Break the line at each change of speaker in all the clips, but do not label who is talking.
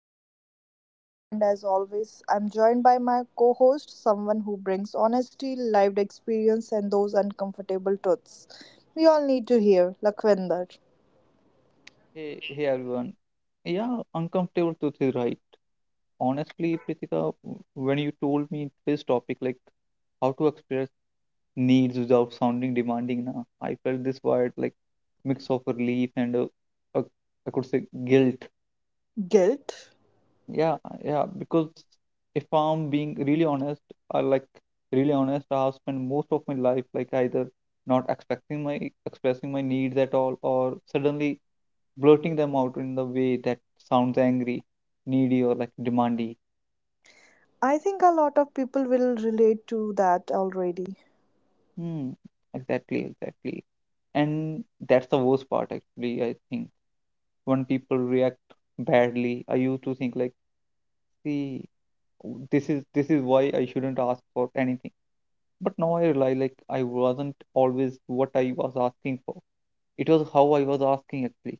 podcast. I'm Prithika and as always, I'm joined by my co-host, someone who brings honesty, lived experience and those uncomfortable truths we all need to hear, Lakhvinder.
Hey, hey everyone. Yeah, uncomfortable truth is right. Honestly, Pritika, when you told me this topic, like how to express needs without sounding demanding, na, I felt this word like mix of relief and uh, I could say guilt.
Guilt?
Yeah, yeah, because if I'm being really honest, I like really honest, I've spent most of my life like either not expecting my expressing my needs at all, or suddenly blurting them out in the way that sounds angry, needy, or like demandy.
I think a lot of people will relate to that already.
Hmm, exactly, exactly. And that's the worst part, actually. I think when people react badly, I used to think like, see, this is why I shouldn't ask for anything. But now I realize like I wasn't always what I was asking for. It was how I was asking actually.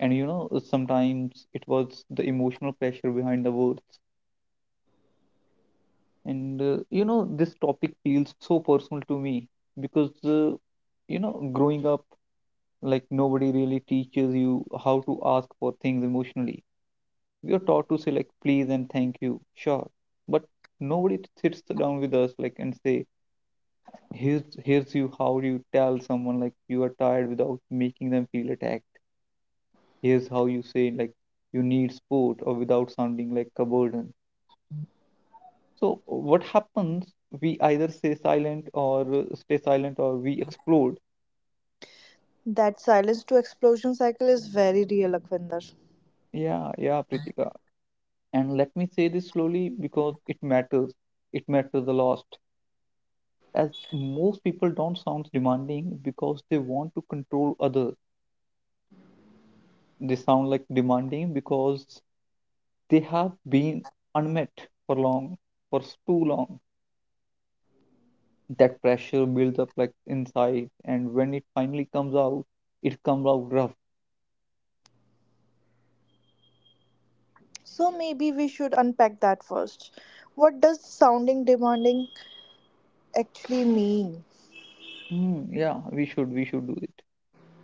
And you know, sometimes it was the emotional pressure behind the words. And you know, this topic feels so personal to me because you know, growing up, like nobody really teaches you how to ask for things emotionally. We are taught to say like please and thank you, sure, but nobody sits down with us like and say here's you how you tell someone like you are tired without making them feel attacked. Here's how you say like you need support or without sounding like a burden. So what happens? We either stay silent or we explode.
That silence to explosion cycle is very real, Lakhvinder.
Yeah, yeah, Pritika. And let me say this slowly because it matters. It matters a lot. As most people don't sound demanding because they want to control others. They sound like demanding because they have been unmet for long, too long. That pressure builds up like inside, and when it finally comes out, it comes out rough.
So maybe we should unpack that first. What does sounding demanding actually mean?
Hmm, yeah, we should do it.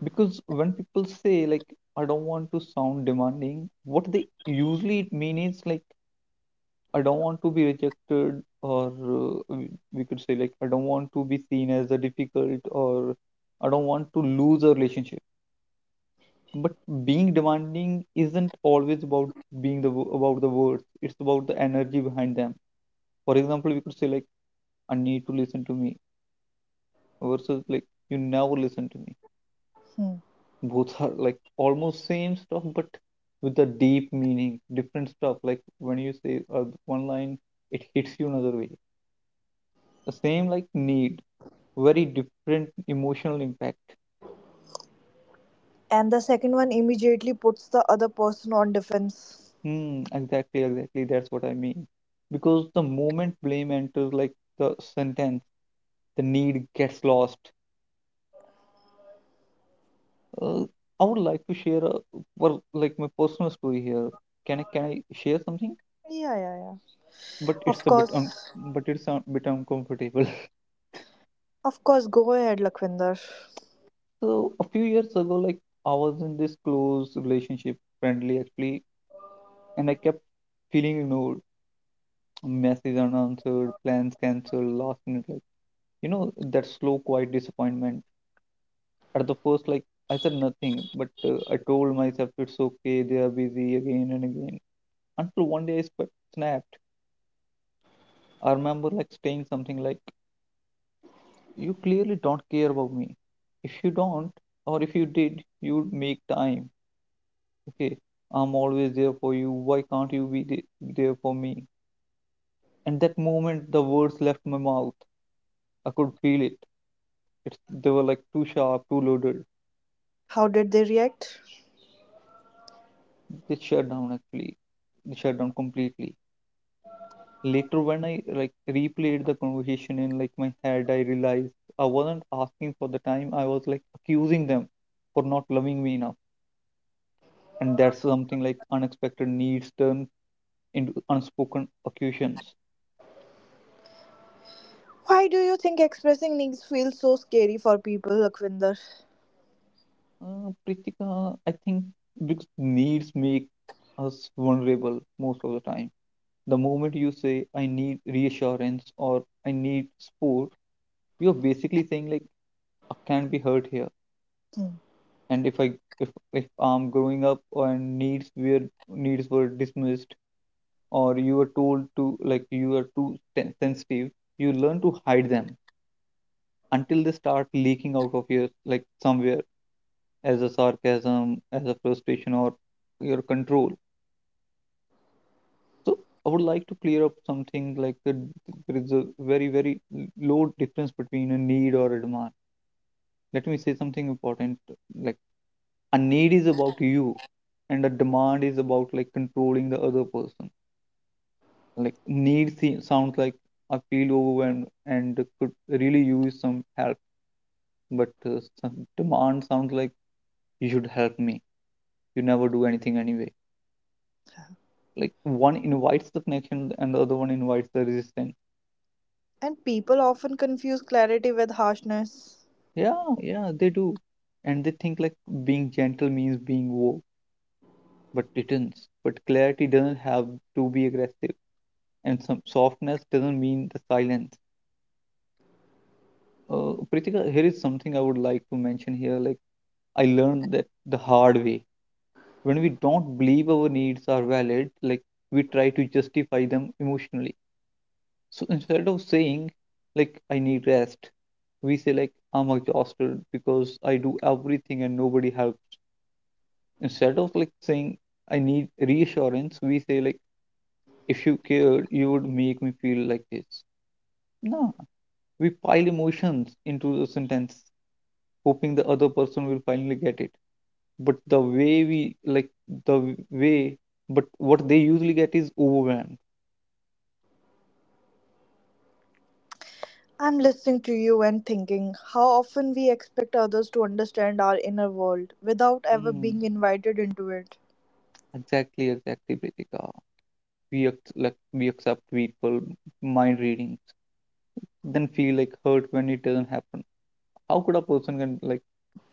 Because when people say like I don't want to sound demanding, what they usually mean is like I don't want to be rejected, or uh, we we could say like I don't want to be seen as a difficult, or I don't want to lose a relationship. But being demanding isn't always about about the words. It's about the energy behind them. For example, we could say like I need to listen to me versus like you never listen to me.
Hmm.
Both are like almost same stuff but with a deep meaning different stuff. Like when you say one line, it hits you another way. The same like need, very different emotional impact.
And the second one immediately puts the other person on defense.
Hmm, exactly, exactly, that's what I mean. Because the moment blame enters like the sentence, the need gets lost. uh, I would like to share a, well, like my personal story here. Can I share something,
Yeah, yeah, yeah.
but
Of
it's a bit
course.
but it's a bit uncomfortable?
Of course, go ahead, Lakwinder.
So a few years ago, like I was in this close relationship, friendly actually, and I kept feeling ignored, messages unanswered, plans cancelled, last minute, like you know that slow, quiet disappointment. At the first, like I said nothing, but I told myself it's okay. They are busy again and again. Until one day I snapped. I remember like saying something like, "You clearly don't care about me. If you don't, or if you did, you'd make time. Okay, I'm always there for you, why can't you be there for me?" And that moment the words left my mouth, I could feel it it's, they were like too sharp, too loaded.
How did they react?
They shut down actually. They shut down completely. Later when I like replayed the conversation in like my head, I realized I wasn't asking for the time, I was like accusing them for not loving me enough. And that's something like unexpected needs turn into unspoken accusations.
Why do you think expressing needs feels so scary for people, Lakwinder?
Pritika, I think because needs make us vulnerable most of the time. The moment you say, I need reassurance or I need support, you're basically saying like I can't be hurt here.
Hmm.
And if I'm growing up and needs were dismissed, or you were told to like you are too sensitive, you learn to hide them until they start leaking out of your like somewhere as a sarcasm, as a frustration, or your control. So I would like to clear up something like, there is a very, very low difference between a need or a demand. Let me say something important. Like a need is about you, and a demand is about like controlling the other person. Like need sounds like I feel overwhelmed and could really use some help, but some demand sounds like you should help me. You never do anything anyway. Like one invites the connection and the other one invites the resistance.
And people often confuse clarity with harshness.
Yeah, yeah, they do. And they think like being gentle means being woke, but it isn't. But clarity doesn't have to be aggressive, and some softness doesn't mean the silence. Pritika, here is something I would like to mention here. Like I learned that the hard way. When we don't believe our needs are valid, like we try to justify them emotionally. So instead of saying like I need rest, we say like I'm exhausted because I do everything and nobody helps. Instead of like saying I need reassurance, we say like if you cared, you would make me feel like this. No, we pile emotions into the sentence, hoping the other person will finally get it. But the way we like the way, but what they usually get is overwhelmed.
I'm listening to you and thinking how often we expect others to understand our inner world without ever
Hmm.
being invited into it.
Exactly, exactly, Pritika. We like we accept people mind readings, then feel like hurt when it doesn't happen. How could a person can like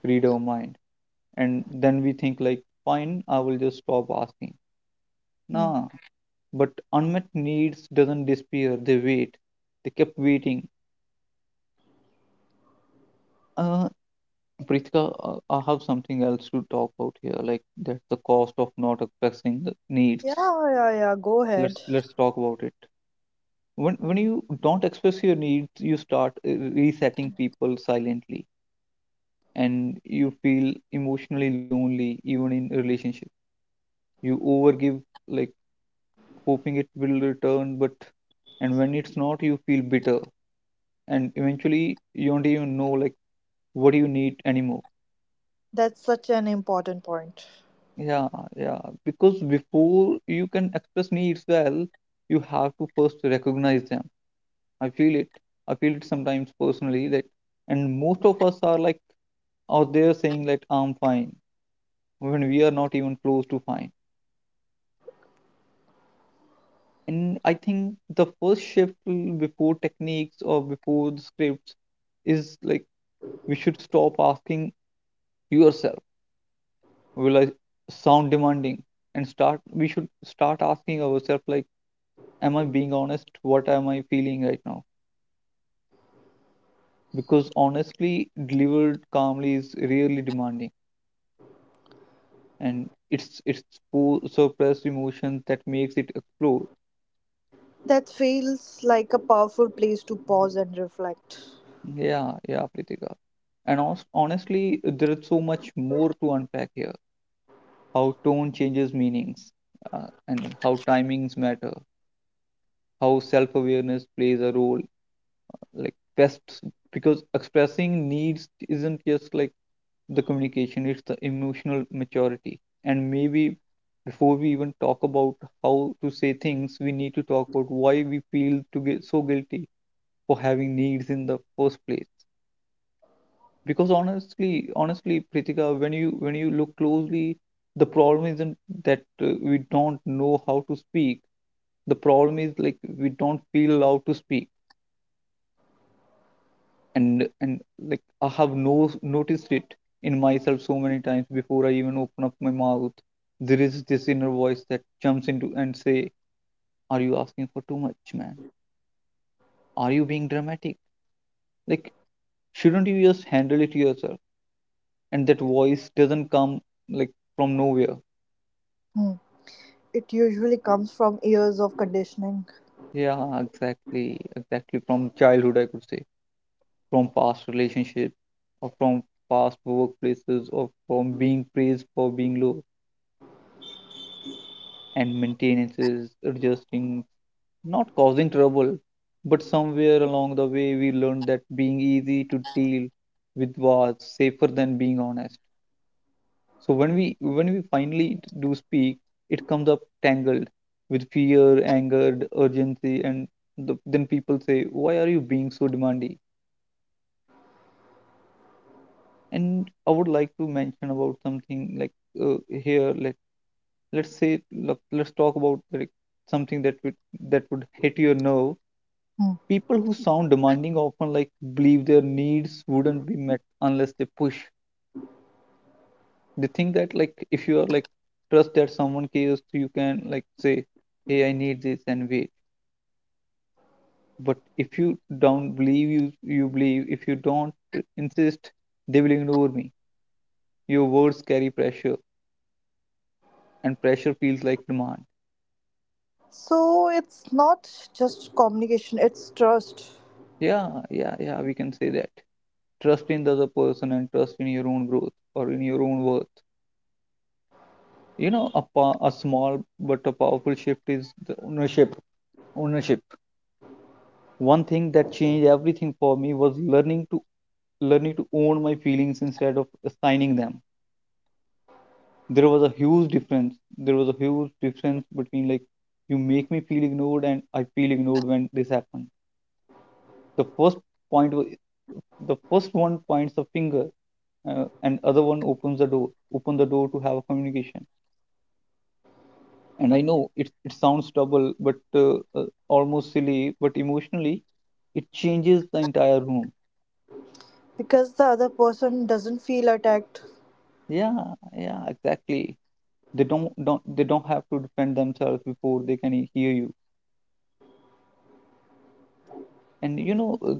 read our mind? And then we think like fine, I will just stop asking,
Hmm.
nah. But unmet needs doesn't disappear, they wait, they kept waiting. Uh, Prithika, I have something else to talk about here. Like that's the cost of not expressing the needs.
Yeah, yeah, yeah, go ahead.
Let's talk about it. When you don't express your needs, you start resetting people silently, and you feel emotionally lonely even in relationships. You overgive like hoping it will return, but and when it's not you feel bitter, and eventually you don't even know like what do you need anymore.
That's such an important point.
Yeah, yeah, because before you can express needs well, you have to first recognize them. I feel it, I feel it sometimes personally that, and most of us are like out there saying that I'm fine when we are not even close to fine. And I think the first shift, before techniques or before the scripts, is like we should stop asking yourself will I sound demanding, and start we should start asking ourselves like am I being honest, what am I feeling right now? Because honestly delivered calmly is really demanding, and it's suppressed emotion that makes it explode.
That feels like a powerful place to pause and reflect.
Yeah, yeah, Pritika. And also, honestly, there is so much more to unpack here. How tone changes meanings, and how timings matter, how self-awareness plays a role, like best. Because expressing needs isn't just like the communication, it's the emotional maturity. And maybe before we even talk about how to say things, we need to talk about why we feel to get so guilty for having needs in the first place. Because honestly, honestly, Pritika, when you look closely, the problem isn't that we don't know how to speak, the problem is like we don't feel allowed to speak. And like I have no noticed it in myself so many times. Before I even open up my mouth, there is this inner voice that jumps into and say, are you asking for too much, man? Are you being dramatic? Like shouldn't you just handle it yourself? And that voice doesn't come like from nowhere.
Hmm. It usually comes from years of conditioning.
Yeah, exactly, exactly. From childhood I could say, from past relationships, or from past workplaces, or from being praised for being low and maintenances, adjusting, not causing trouble, but somewhere along the way we learned that being easy to deal with was safer than being honest. So when we finally do speak, it comes up tangled with fear, anger, urgency, and then people say, "Why are you being so demanding?" And I would like to mention about something like uh, here. Let let's say look, let's talk about like something that would hit your nerve.
Hmm.
People who sound demanding often like believe their needs wouldn't be met unless they push. They think that like if you are like trust that someone cares, you can like say, "Hey, I need this," and wait. But if you don't believe if you don't insist, they will ignore me. Your words carry pressure, and pressure feels like demand.
So it's not just communication, it's trust.
Yeah, yeah, yeah. We can say that trust in the other person and trust in your own growth or in your own worth. You know, a, pa a small but a powerful shift is the ownership. One thing that changed everything for me was learning to own my feelings instead of assigning them. There was a huge difference, there was a huge difference between like you make me feel ignored and I feel ignored when this happened. The first point was, the first one points the finger, and other one opens the door, open the door to have a communication. And I know it sounds double but almost silly, but emotionally it changes the entire room.
Because the other person doesn't feel attacked.
Yeah, yeah, exactly. They don't have to defend themselves before they can hear you. And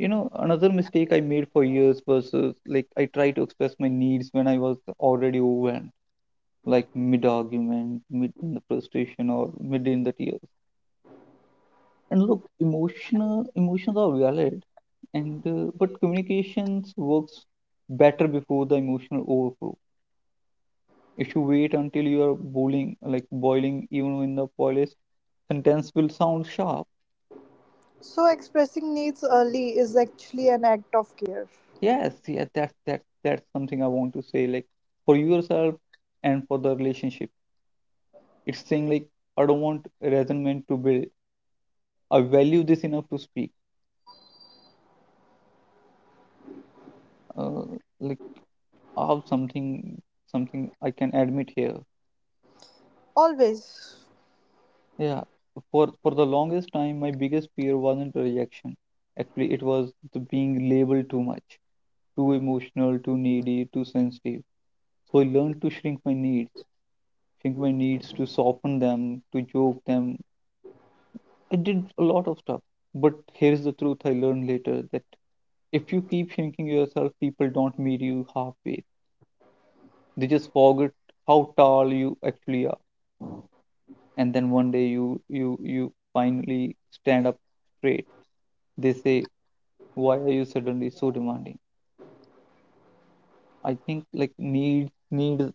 you know, another mistake I made for years was like I tried to express my needs when I was already overwhelmed, like mid argument, mid in the frustration, or mid in the tears. And look, emotional emotions are valid, and but communications works better before the emotional overflow. If you wait until you are boiling, like boiling, even in the polished sentence will sound sharp.
So expressing needs early is actually an act of care.
Yes. That's something I want to say, like, for yourself and for the relationship. It's saying like, I don't want resentment to build. I value this enough to speak. uh, like, I have something I can admit here.
Always.
Yeah, for the longest time, my biggest fear wasn't a reaction. Actually, it was the being labeled too much, too emotional, too needy, too sensitive. So I learned to shrink my needs to soften them, to joke them. I did a lot of stuff. But here's the truth I learned later, that if you keep shrinking yourself, people don't meet you halfway. They just forget how tall you actually are, and then one day you finally stand up straight. They say, why are you suddenly so demanding? I think like needs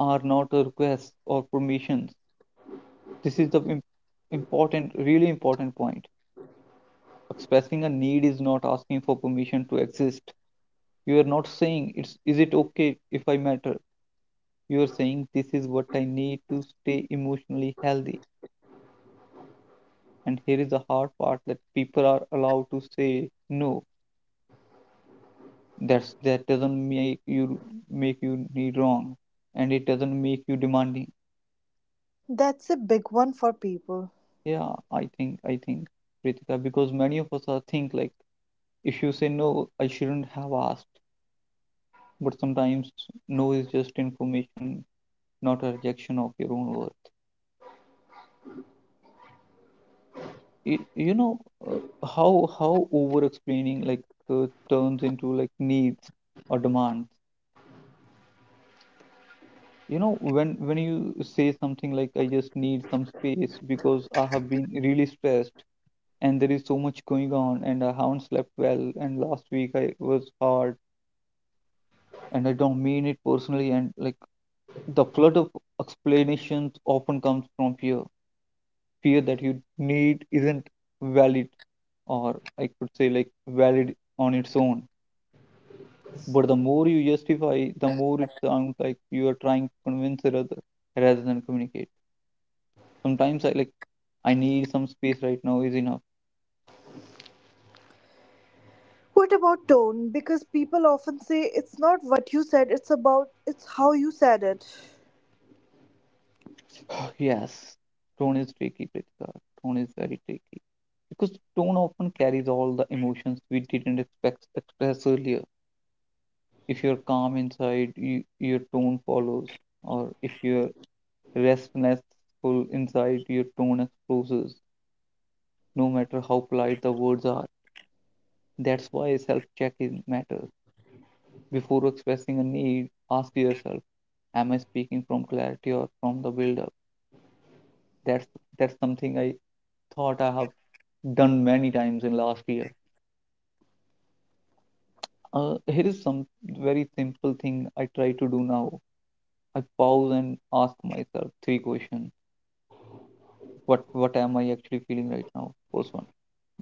are not requests or permissions. This is the important, really important point. Expressing a need is not asking for permission to exist. You are not saying it's is it okay if I matter. You are saying this is what I need to stay emotionally healthy. And here is the hard part, that people are allowed to say no. That's, that doesn't make you, make you need wrong, and it doesn't make you demanding.
That's a big one for people.
Yeah, I think Ritika, because many of us are think like if you say no, I shouldn't have asked. But sometimes no is just information, not a rejection of your own worth. You know, uh, how over explaining like turns into like needs or demands. You know, when you say something like I just need some space because I have been really stressed and there is so much going on and I haven't slept well and last week I was hard and I don't mean it personally. And like the flood of explanations often comes from fear, fear that you need isn't valid, or I could say like valid on its own. But the more you justify, the more it sounds like you are trying to convince the other rather than communicate. Sometimes I like, I need some space right now is enough.
What about tone? Because people often say it's not what you said, it's how you said it.
Yes, tone is tricky, Pritika. Tone is very tricky because tone often carries all the emotions we didn't expect express earlier. If you're calm inside, you, your tone follows, or if you're restful inside, your tone exposes, no matter how polite the words are. That's why self checking matters. Before expressing a need, ask yourself, am I speaking from clarity or from the build up? That's that's something I thought I have done many times in last year. Here is some very simple thing I try to do now. I pause and ask myself three questions. What am I actually feeling right now? First one.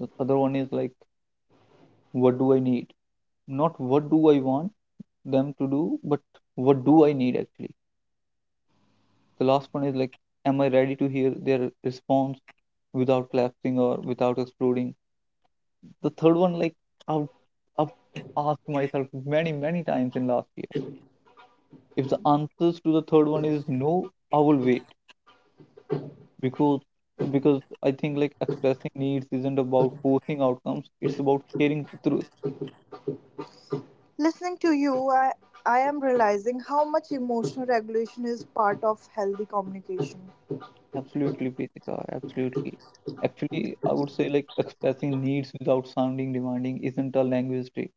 The other one is like, what do I need? Not what do I want them to do, but what do I need actually. The last one is like, am I ready to hear their response without collapsing or without exploding? The third one, like, i've, I've asked myself many many times in last year. If the answers to the third one is no, I will wait. because because I think like expressing needs isn't about forcing outcomes, it's about sharing the truth.
Listening to you, I am realizing how much emotional regulation is part of healthy communication.
Absolutely, Pritika. Absolutely. Actually, I would say like expressing needs without sounding demanding isn't a language trick.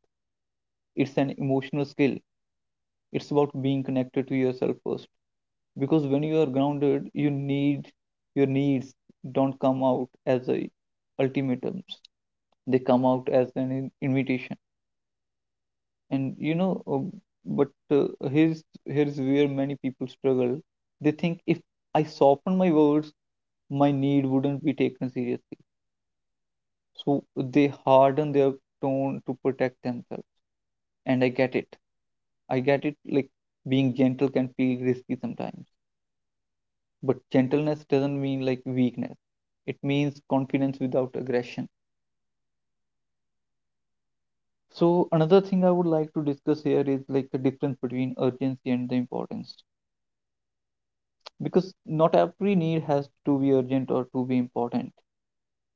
It's an emotional skill. It's about being connected to yourself first. Because when you are grounded, your needs don't come out as a ultimatums. They come out as an invitation. And you know, but here's where many people struggle. They think if I soften my words, my need wouldn't be taken seriously, so they harden their tone to protect themselves. And I get it like being gentle can feel risky sometimes, but gentleness doesn't mean like weakness. It means confidence without aggression. So another thing I would like to discuss here is like the difference between urgency and the importance. Because not every need has to be urgent or to be important.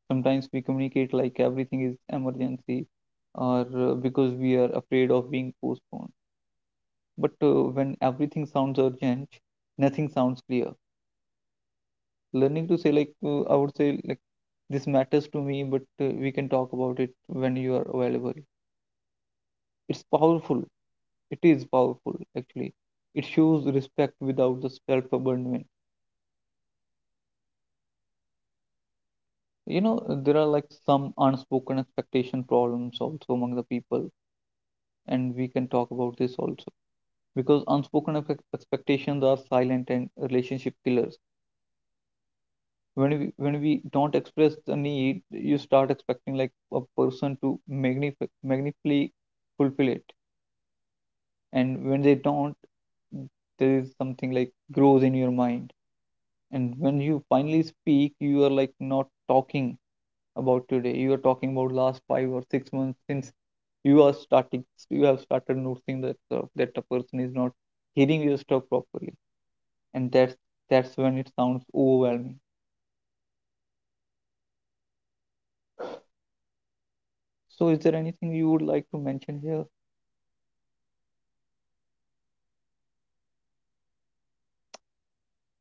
Sometimes we communicate like everything is emergency, or because we are afraid of being postponed. But when everything sounds urgent, nothing sounds clear. Learning to say like, I would say like this matters to me but we can talk about it when you are available. It's powerful. It is powerful actually. It shows respect without the self abandonment. You know, there are like some unspoken expectation problems also among the people, and we can talk about this also. Because unspoken expectations are silent and relationship killers. When we, when we don't express the need, you start expecting like a person to magnificently fulfill it. And when they don't, there is something like grows in your mind. And when you finally speak, you are like not talking about today, you are talking about last 5 or 6 months since you are starting, you have started noticing that that a person is not hearing your stuff properly. And that's when it sounds overwhelming. So is there anything you would like to mention here?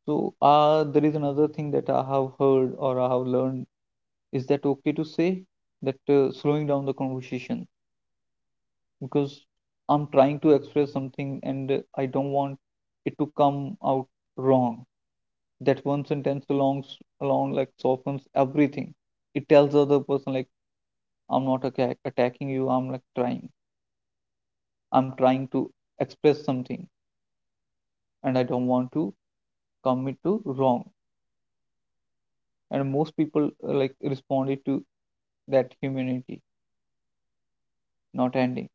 So there is another thing that I have heard or I have learned, is that okay to say that slowing down the conversation, because I'm trying to express something and I don't want it to come out wrong. That one sentence along, along like softens everything. It tells the other person like, I'm not attacking you. I'm like trying. I'm trying to express something and I don't want to commit to wrong. And most people like responded to that humanity, not ending.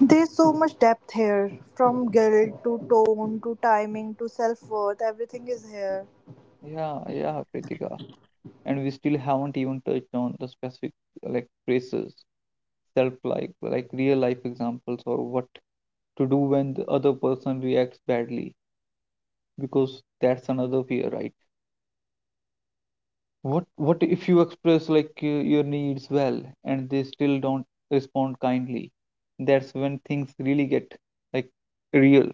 There's so much depth here from guilt to tone to timing to self worth, everything is here.
Yeah, yeah, Pritika, and we still haven't even touched on the specific like phrases, self like real life examples, or what to do when the other person reacts badly. Because that's another fear, right? What if you express like your needs well and they still don't respond kindly? That's when things really get like real.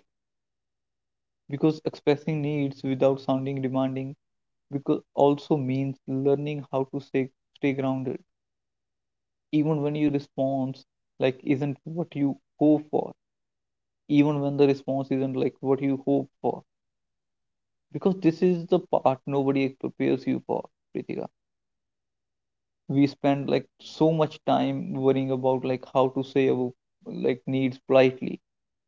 Because expressing needs without sounding demanding, because also means learning how to stay grounded even when your response like isn't what you hope for, even when the response isn't like what you hope for. Because this is the part nobody prepares you for, Pritika. We spend like so much time worrying about like how to say our like needs politely,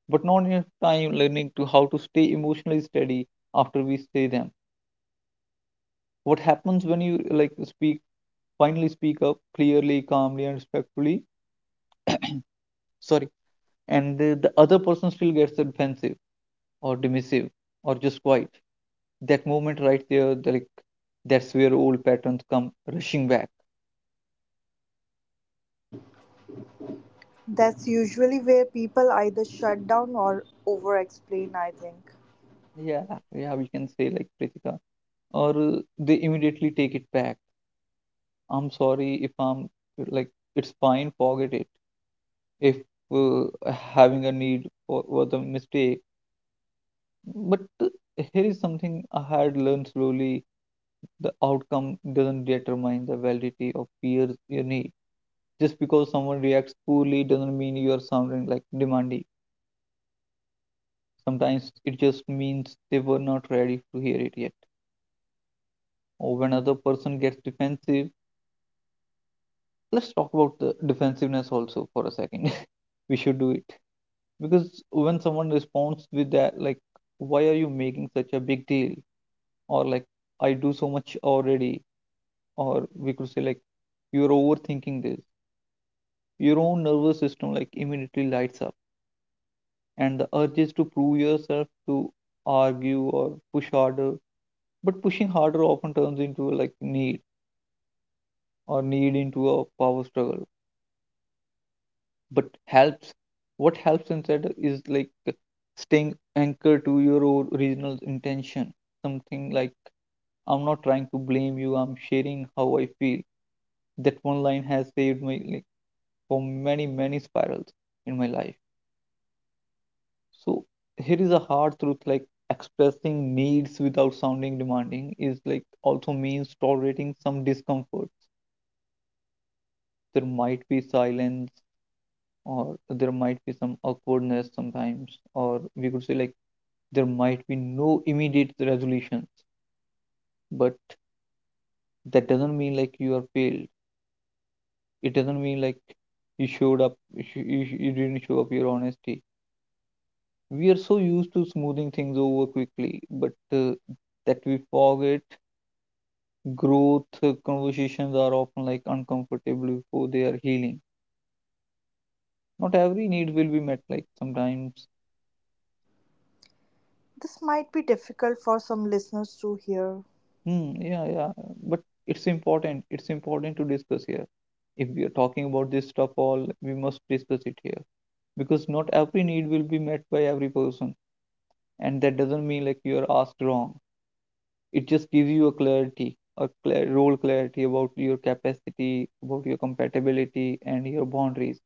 but not enough time learning to how to stay emotionally steady after we say them. What happens when you like speak, finally speak up clearly, calmly, and respectfully? Sorry, and the other person still gets defensive or dismissive or just quiet. That moment right there, like, that's where old patterns come rushing back.
That's usually where people either shut down or over explain, I think.
Yeah, yeah, we can say like, Pritika, or they immediately take it back. I'm sorry if I'm like, it's fine, forget it. If having a need for was a mistake, but here is something I had learned slowly. The outcome doesn't determine the validity of peers you need. Just because someone reacts poorly doesn't mean you are sounding like demanding. Sometimes it just means they were not ready to hear it yet. Or when other person gets defensive, let's talk about the defensiveness also for a second. We should do it. Because when someone responds with that, like, why are you making such a big deal? Or like, I do so much already. Or we could say like, you're overthinking this. Your own nervous system like immediately lights up, and the urges to prove yourself to argue or push harder. But pushing harder often turns into a, like need or need into a power struggle. But helps What helps instead is like staying anchored to your original intention. Something like, I'm not trying to blame you, I'm sharing how I feel. That one line has saved my like for many many spirals in my life. So here is a hard truth, like expressing needs without sounding demanding is like also means tolerating some discomfort. There might be silence or there might be some awkwardness sometimes, or we could say like there might be no immediate resolutions, but that doesn't mean like you are failed. It doesn't mean like you showed up, you didn't show up your honesty. We are so used to smoothing things over quickly but that we forget. Growth conversations are often like uncomfortable before they are healing. Not every need will be met, like sometimes,
This might be difficult for some listeners to hear.
yeah, yeah, but it's important. It's important to discuss here. If we are talking about this stuff all, we must discuss it here, because not every need will be met by every person, and that doesn't mean like you are asked wrong. It just gives you a clarity, a clear, role clarity about your capacity, about your compatibility, and your boundaries.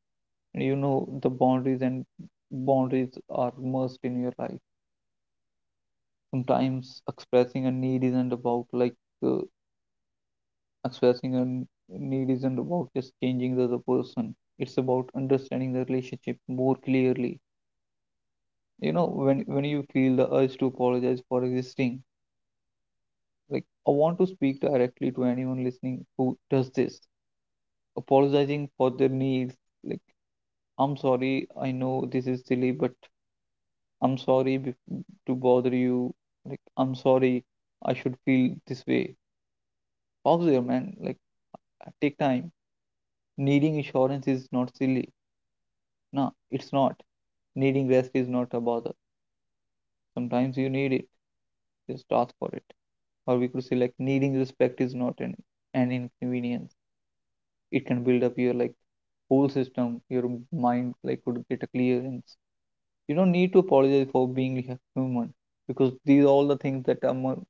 You know the boundaries, and boundaries are merged in your life. Sometimes expressing a need isn't about like uh, expressing a n- need isn't about just changing the other person, it's about understanding the relationship more clearly. You know, when you feel the urge to apologize for existing, like I want to speak directly to anyone listening who does this, apologizing for their needs, like I'm sorry, I know this is silly, but I'm sorry to bother you. Like, I'm sorry. I should feel this way. Pause there, man. Like, take time. Needing insurance is not silly. Nah, it's not. Needing rest is not a bother. Sometimes you need it. Just ask for it. Or we could say like needing respect is not an, an inconvenience. It can build up your like whole system. Your mind like could get a clearance. You don't need to apologize for being human, because these are all the things that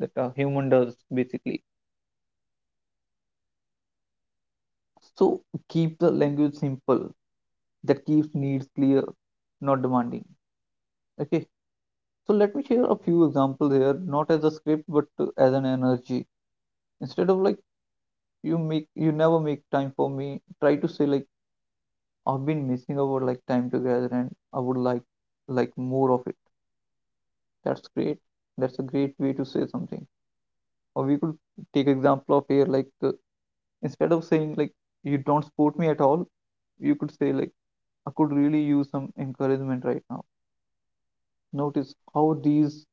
that a human does basically. So keep the language simple. That keeps needs clear, not demanding. Okay. So let me share a few examples here, not as a script, but as an energy. Instead of like, you make you never make time for me. Try to say like, I've been missing our like time together, and I would like more of it. That's great. That's a great way to say something. Or we could take example of here like instead of saying like you don't support me at all, you could say like, I could really use some encouragement right now. Notice how these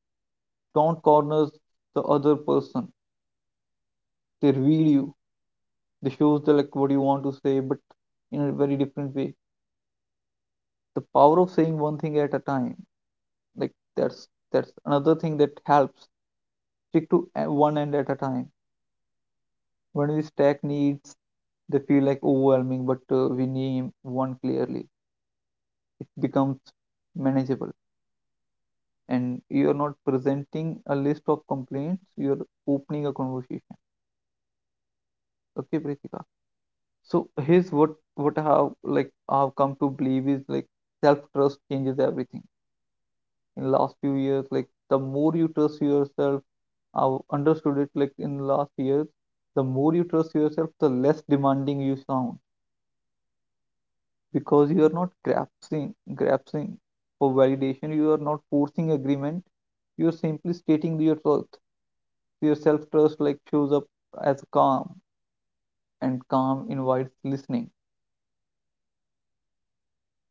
don't corner the other person. They reveal you. They show the like what you want to say, but in a very different way. The power of saying one thing at a time. Like that's that's another thing that helps. Stick to one end at a time. When we stack needs, they feel like overwhelming, but we name one clearly. It becomes manageable, and you are not presenting a list of complaints. You are opening a conversation. Okay, Pritika. So here's what I have like I've come to believe is like self trust changes everything. In last few years, like the more you trust yourself, I've understood it like in last years, the more you trust yourself, the less demanding you sound, because you are not grasping for validation. You are not forcing agreement. You are simply stating your truth. So your self trust like shows up as calm, and calm invites listening.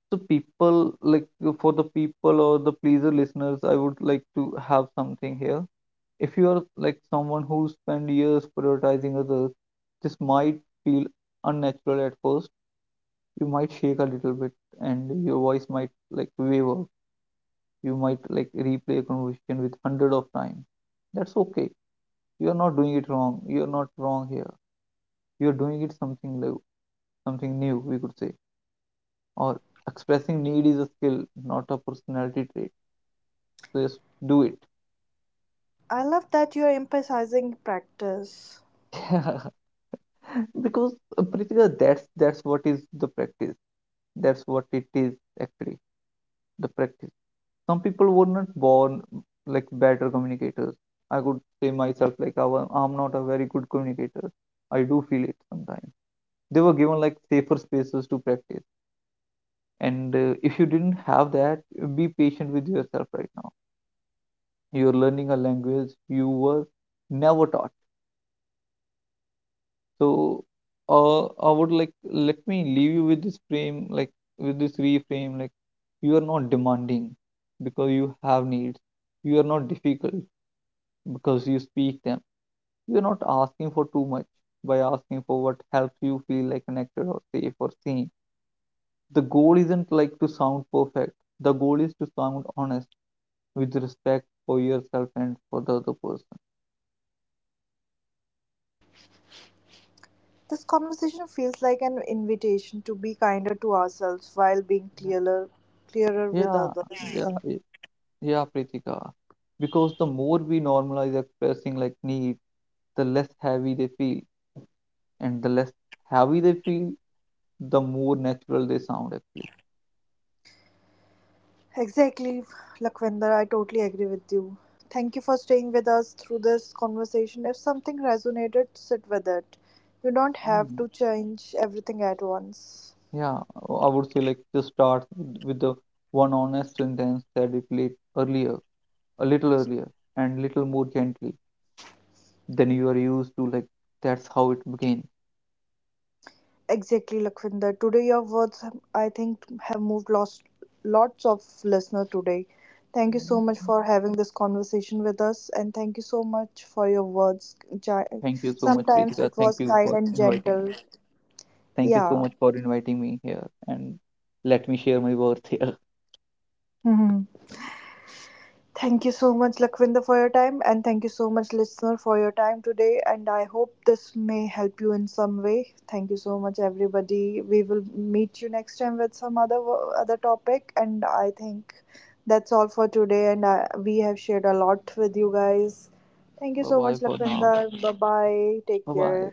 So people like for the people or the pleaser listeners, I would like to have something here. If you are like someone who spend years prioritizing others, this might feel unnatural at first. You might shake a little bit, and your voice might like waver. You might like replay a conversation with hundred of times. That's okay. You are not doing it wrong. You are not wrong here. You are doing it something new, we could say. Or expressing need is a skill, not a personality trait, just do it.
I love that you're emphasizing practice.
Because Pritika, that's what is the practice, that's what it is, actually, the practice. Some people were not born like better communicators. I could say myself like I'm not a very good communicator. I do feel it sometimes. They were given like safer spaces to practice, and if you didn't have that, be patient with yourself right now. You're learning a language you were never taught. So I would like let me leave you with this frame, like with this reframe, like you are not demanding because you have needs. You are not difficult because you speak them. You are not asking for too much by asking for what helps you feel like connected or safe or seen. The goal isn't like to sound perfect. The goal is to sound honest, with respect for yourself and for the other person.
This conversation feels like an invitation to be kinder to ourselves while being
Yeah,
clearer with
yeah,
others.
yeah. Yeah. Yeah, Pritika. Because the more we normalize expressing like needs, the less heavy they feel. And the less heavy they feel, the more natural they sound actually.
Exactly, Lakhvinder, I totally agree with you. Thank you for staying with us through this conversation. If something resonated, sit with it. You don't have
Mm.
to change everything at once.
Yeah, I would say like just start with the one honest sentence that you played earlier, a little earlier, and little more gently than you are used to. Like that's how it began.
Exactly, Lakwinder. Today, your words, I think, have moved lost lots of listeners today. Thank you so
Mm.
much for having this conversation with us, and thank you so much for your words. Gi-
Thank you so much,
Sometimes
Pritika.
it
Thank
was
you
kind
for
and
inviting me.
gentle.
Thank you so
Yeah.
much for inviting me here, and let me share my words here.
Mhm. Thank you so much, Lakwinder, for your time, and thank you so much, listener, for your time today. And I hope this may help you in some way. Thank you so much, everybody. We will meet you next time with some other topic. And I think that's all for today. And we have shared a lot with you guys. Thank you
Bye
so
bye
much,
for now.
Lakwinder. Bye bye. Take
Bye bye.
care.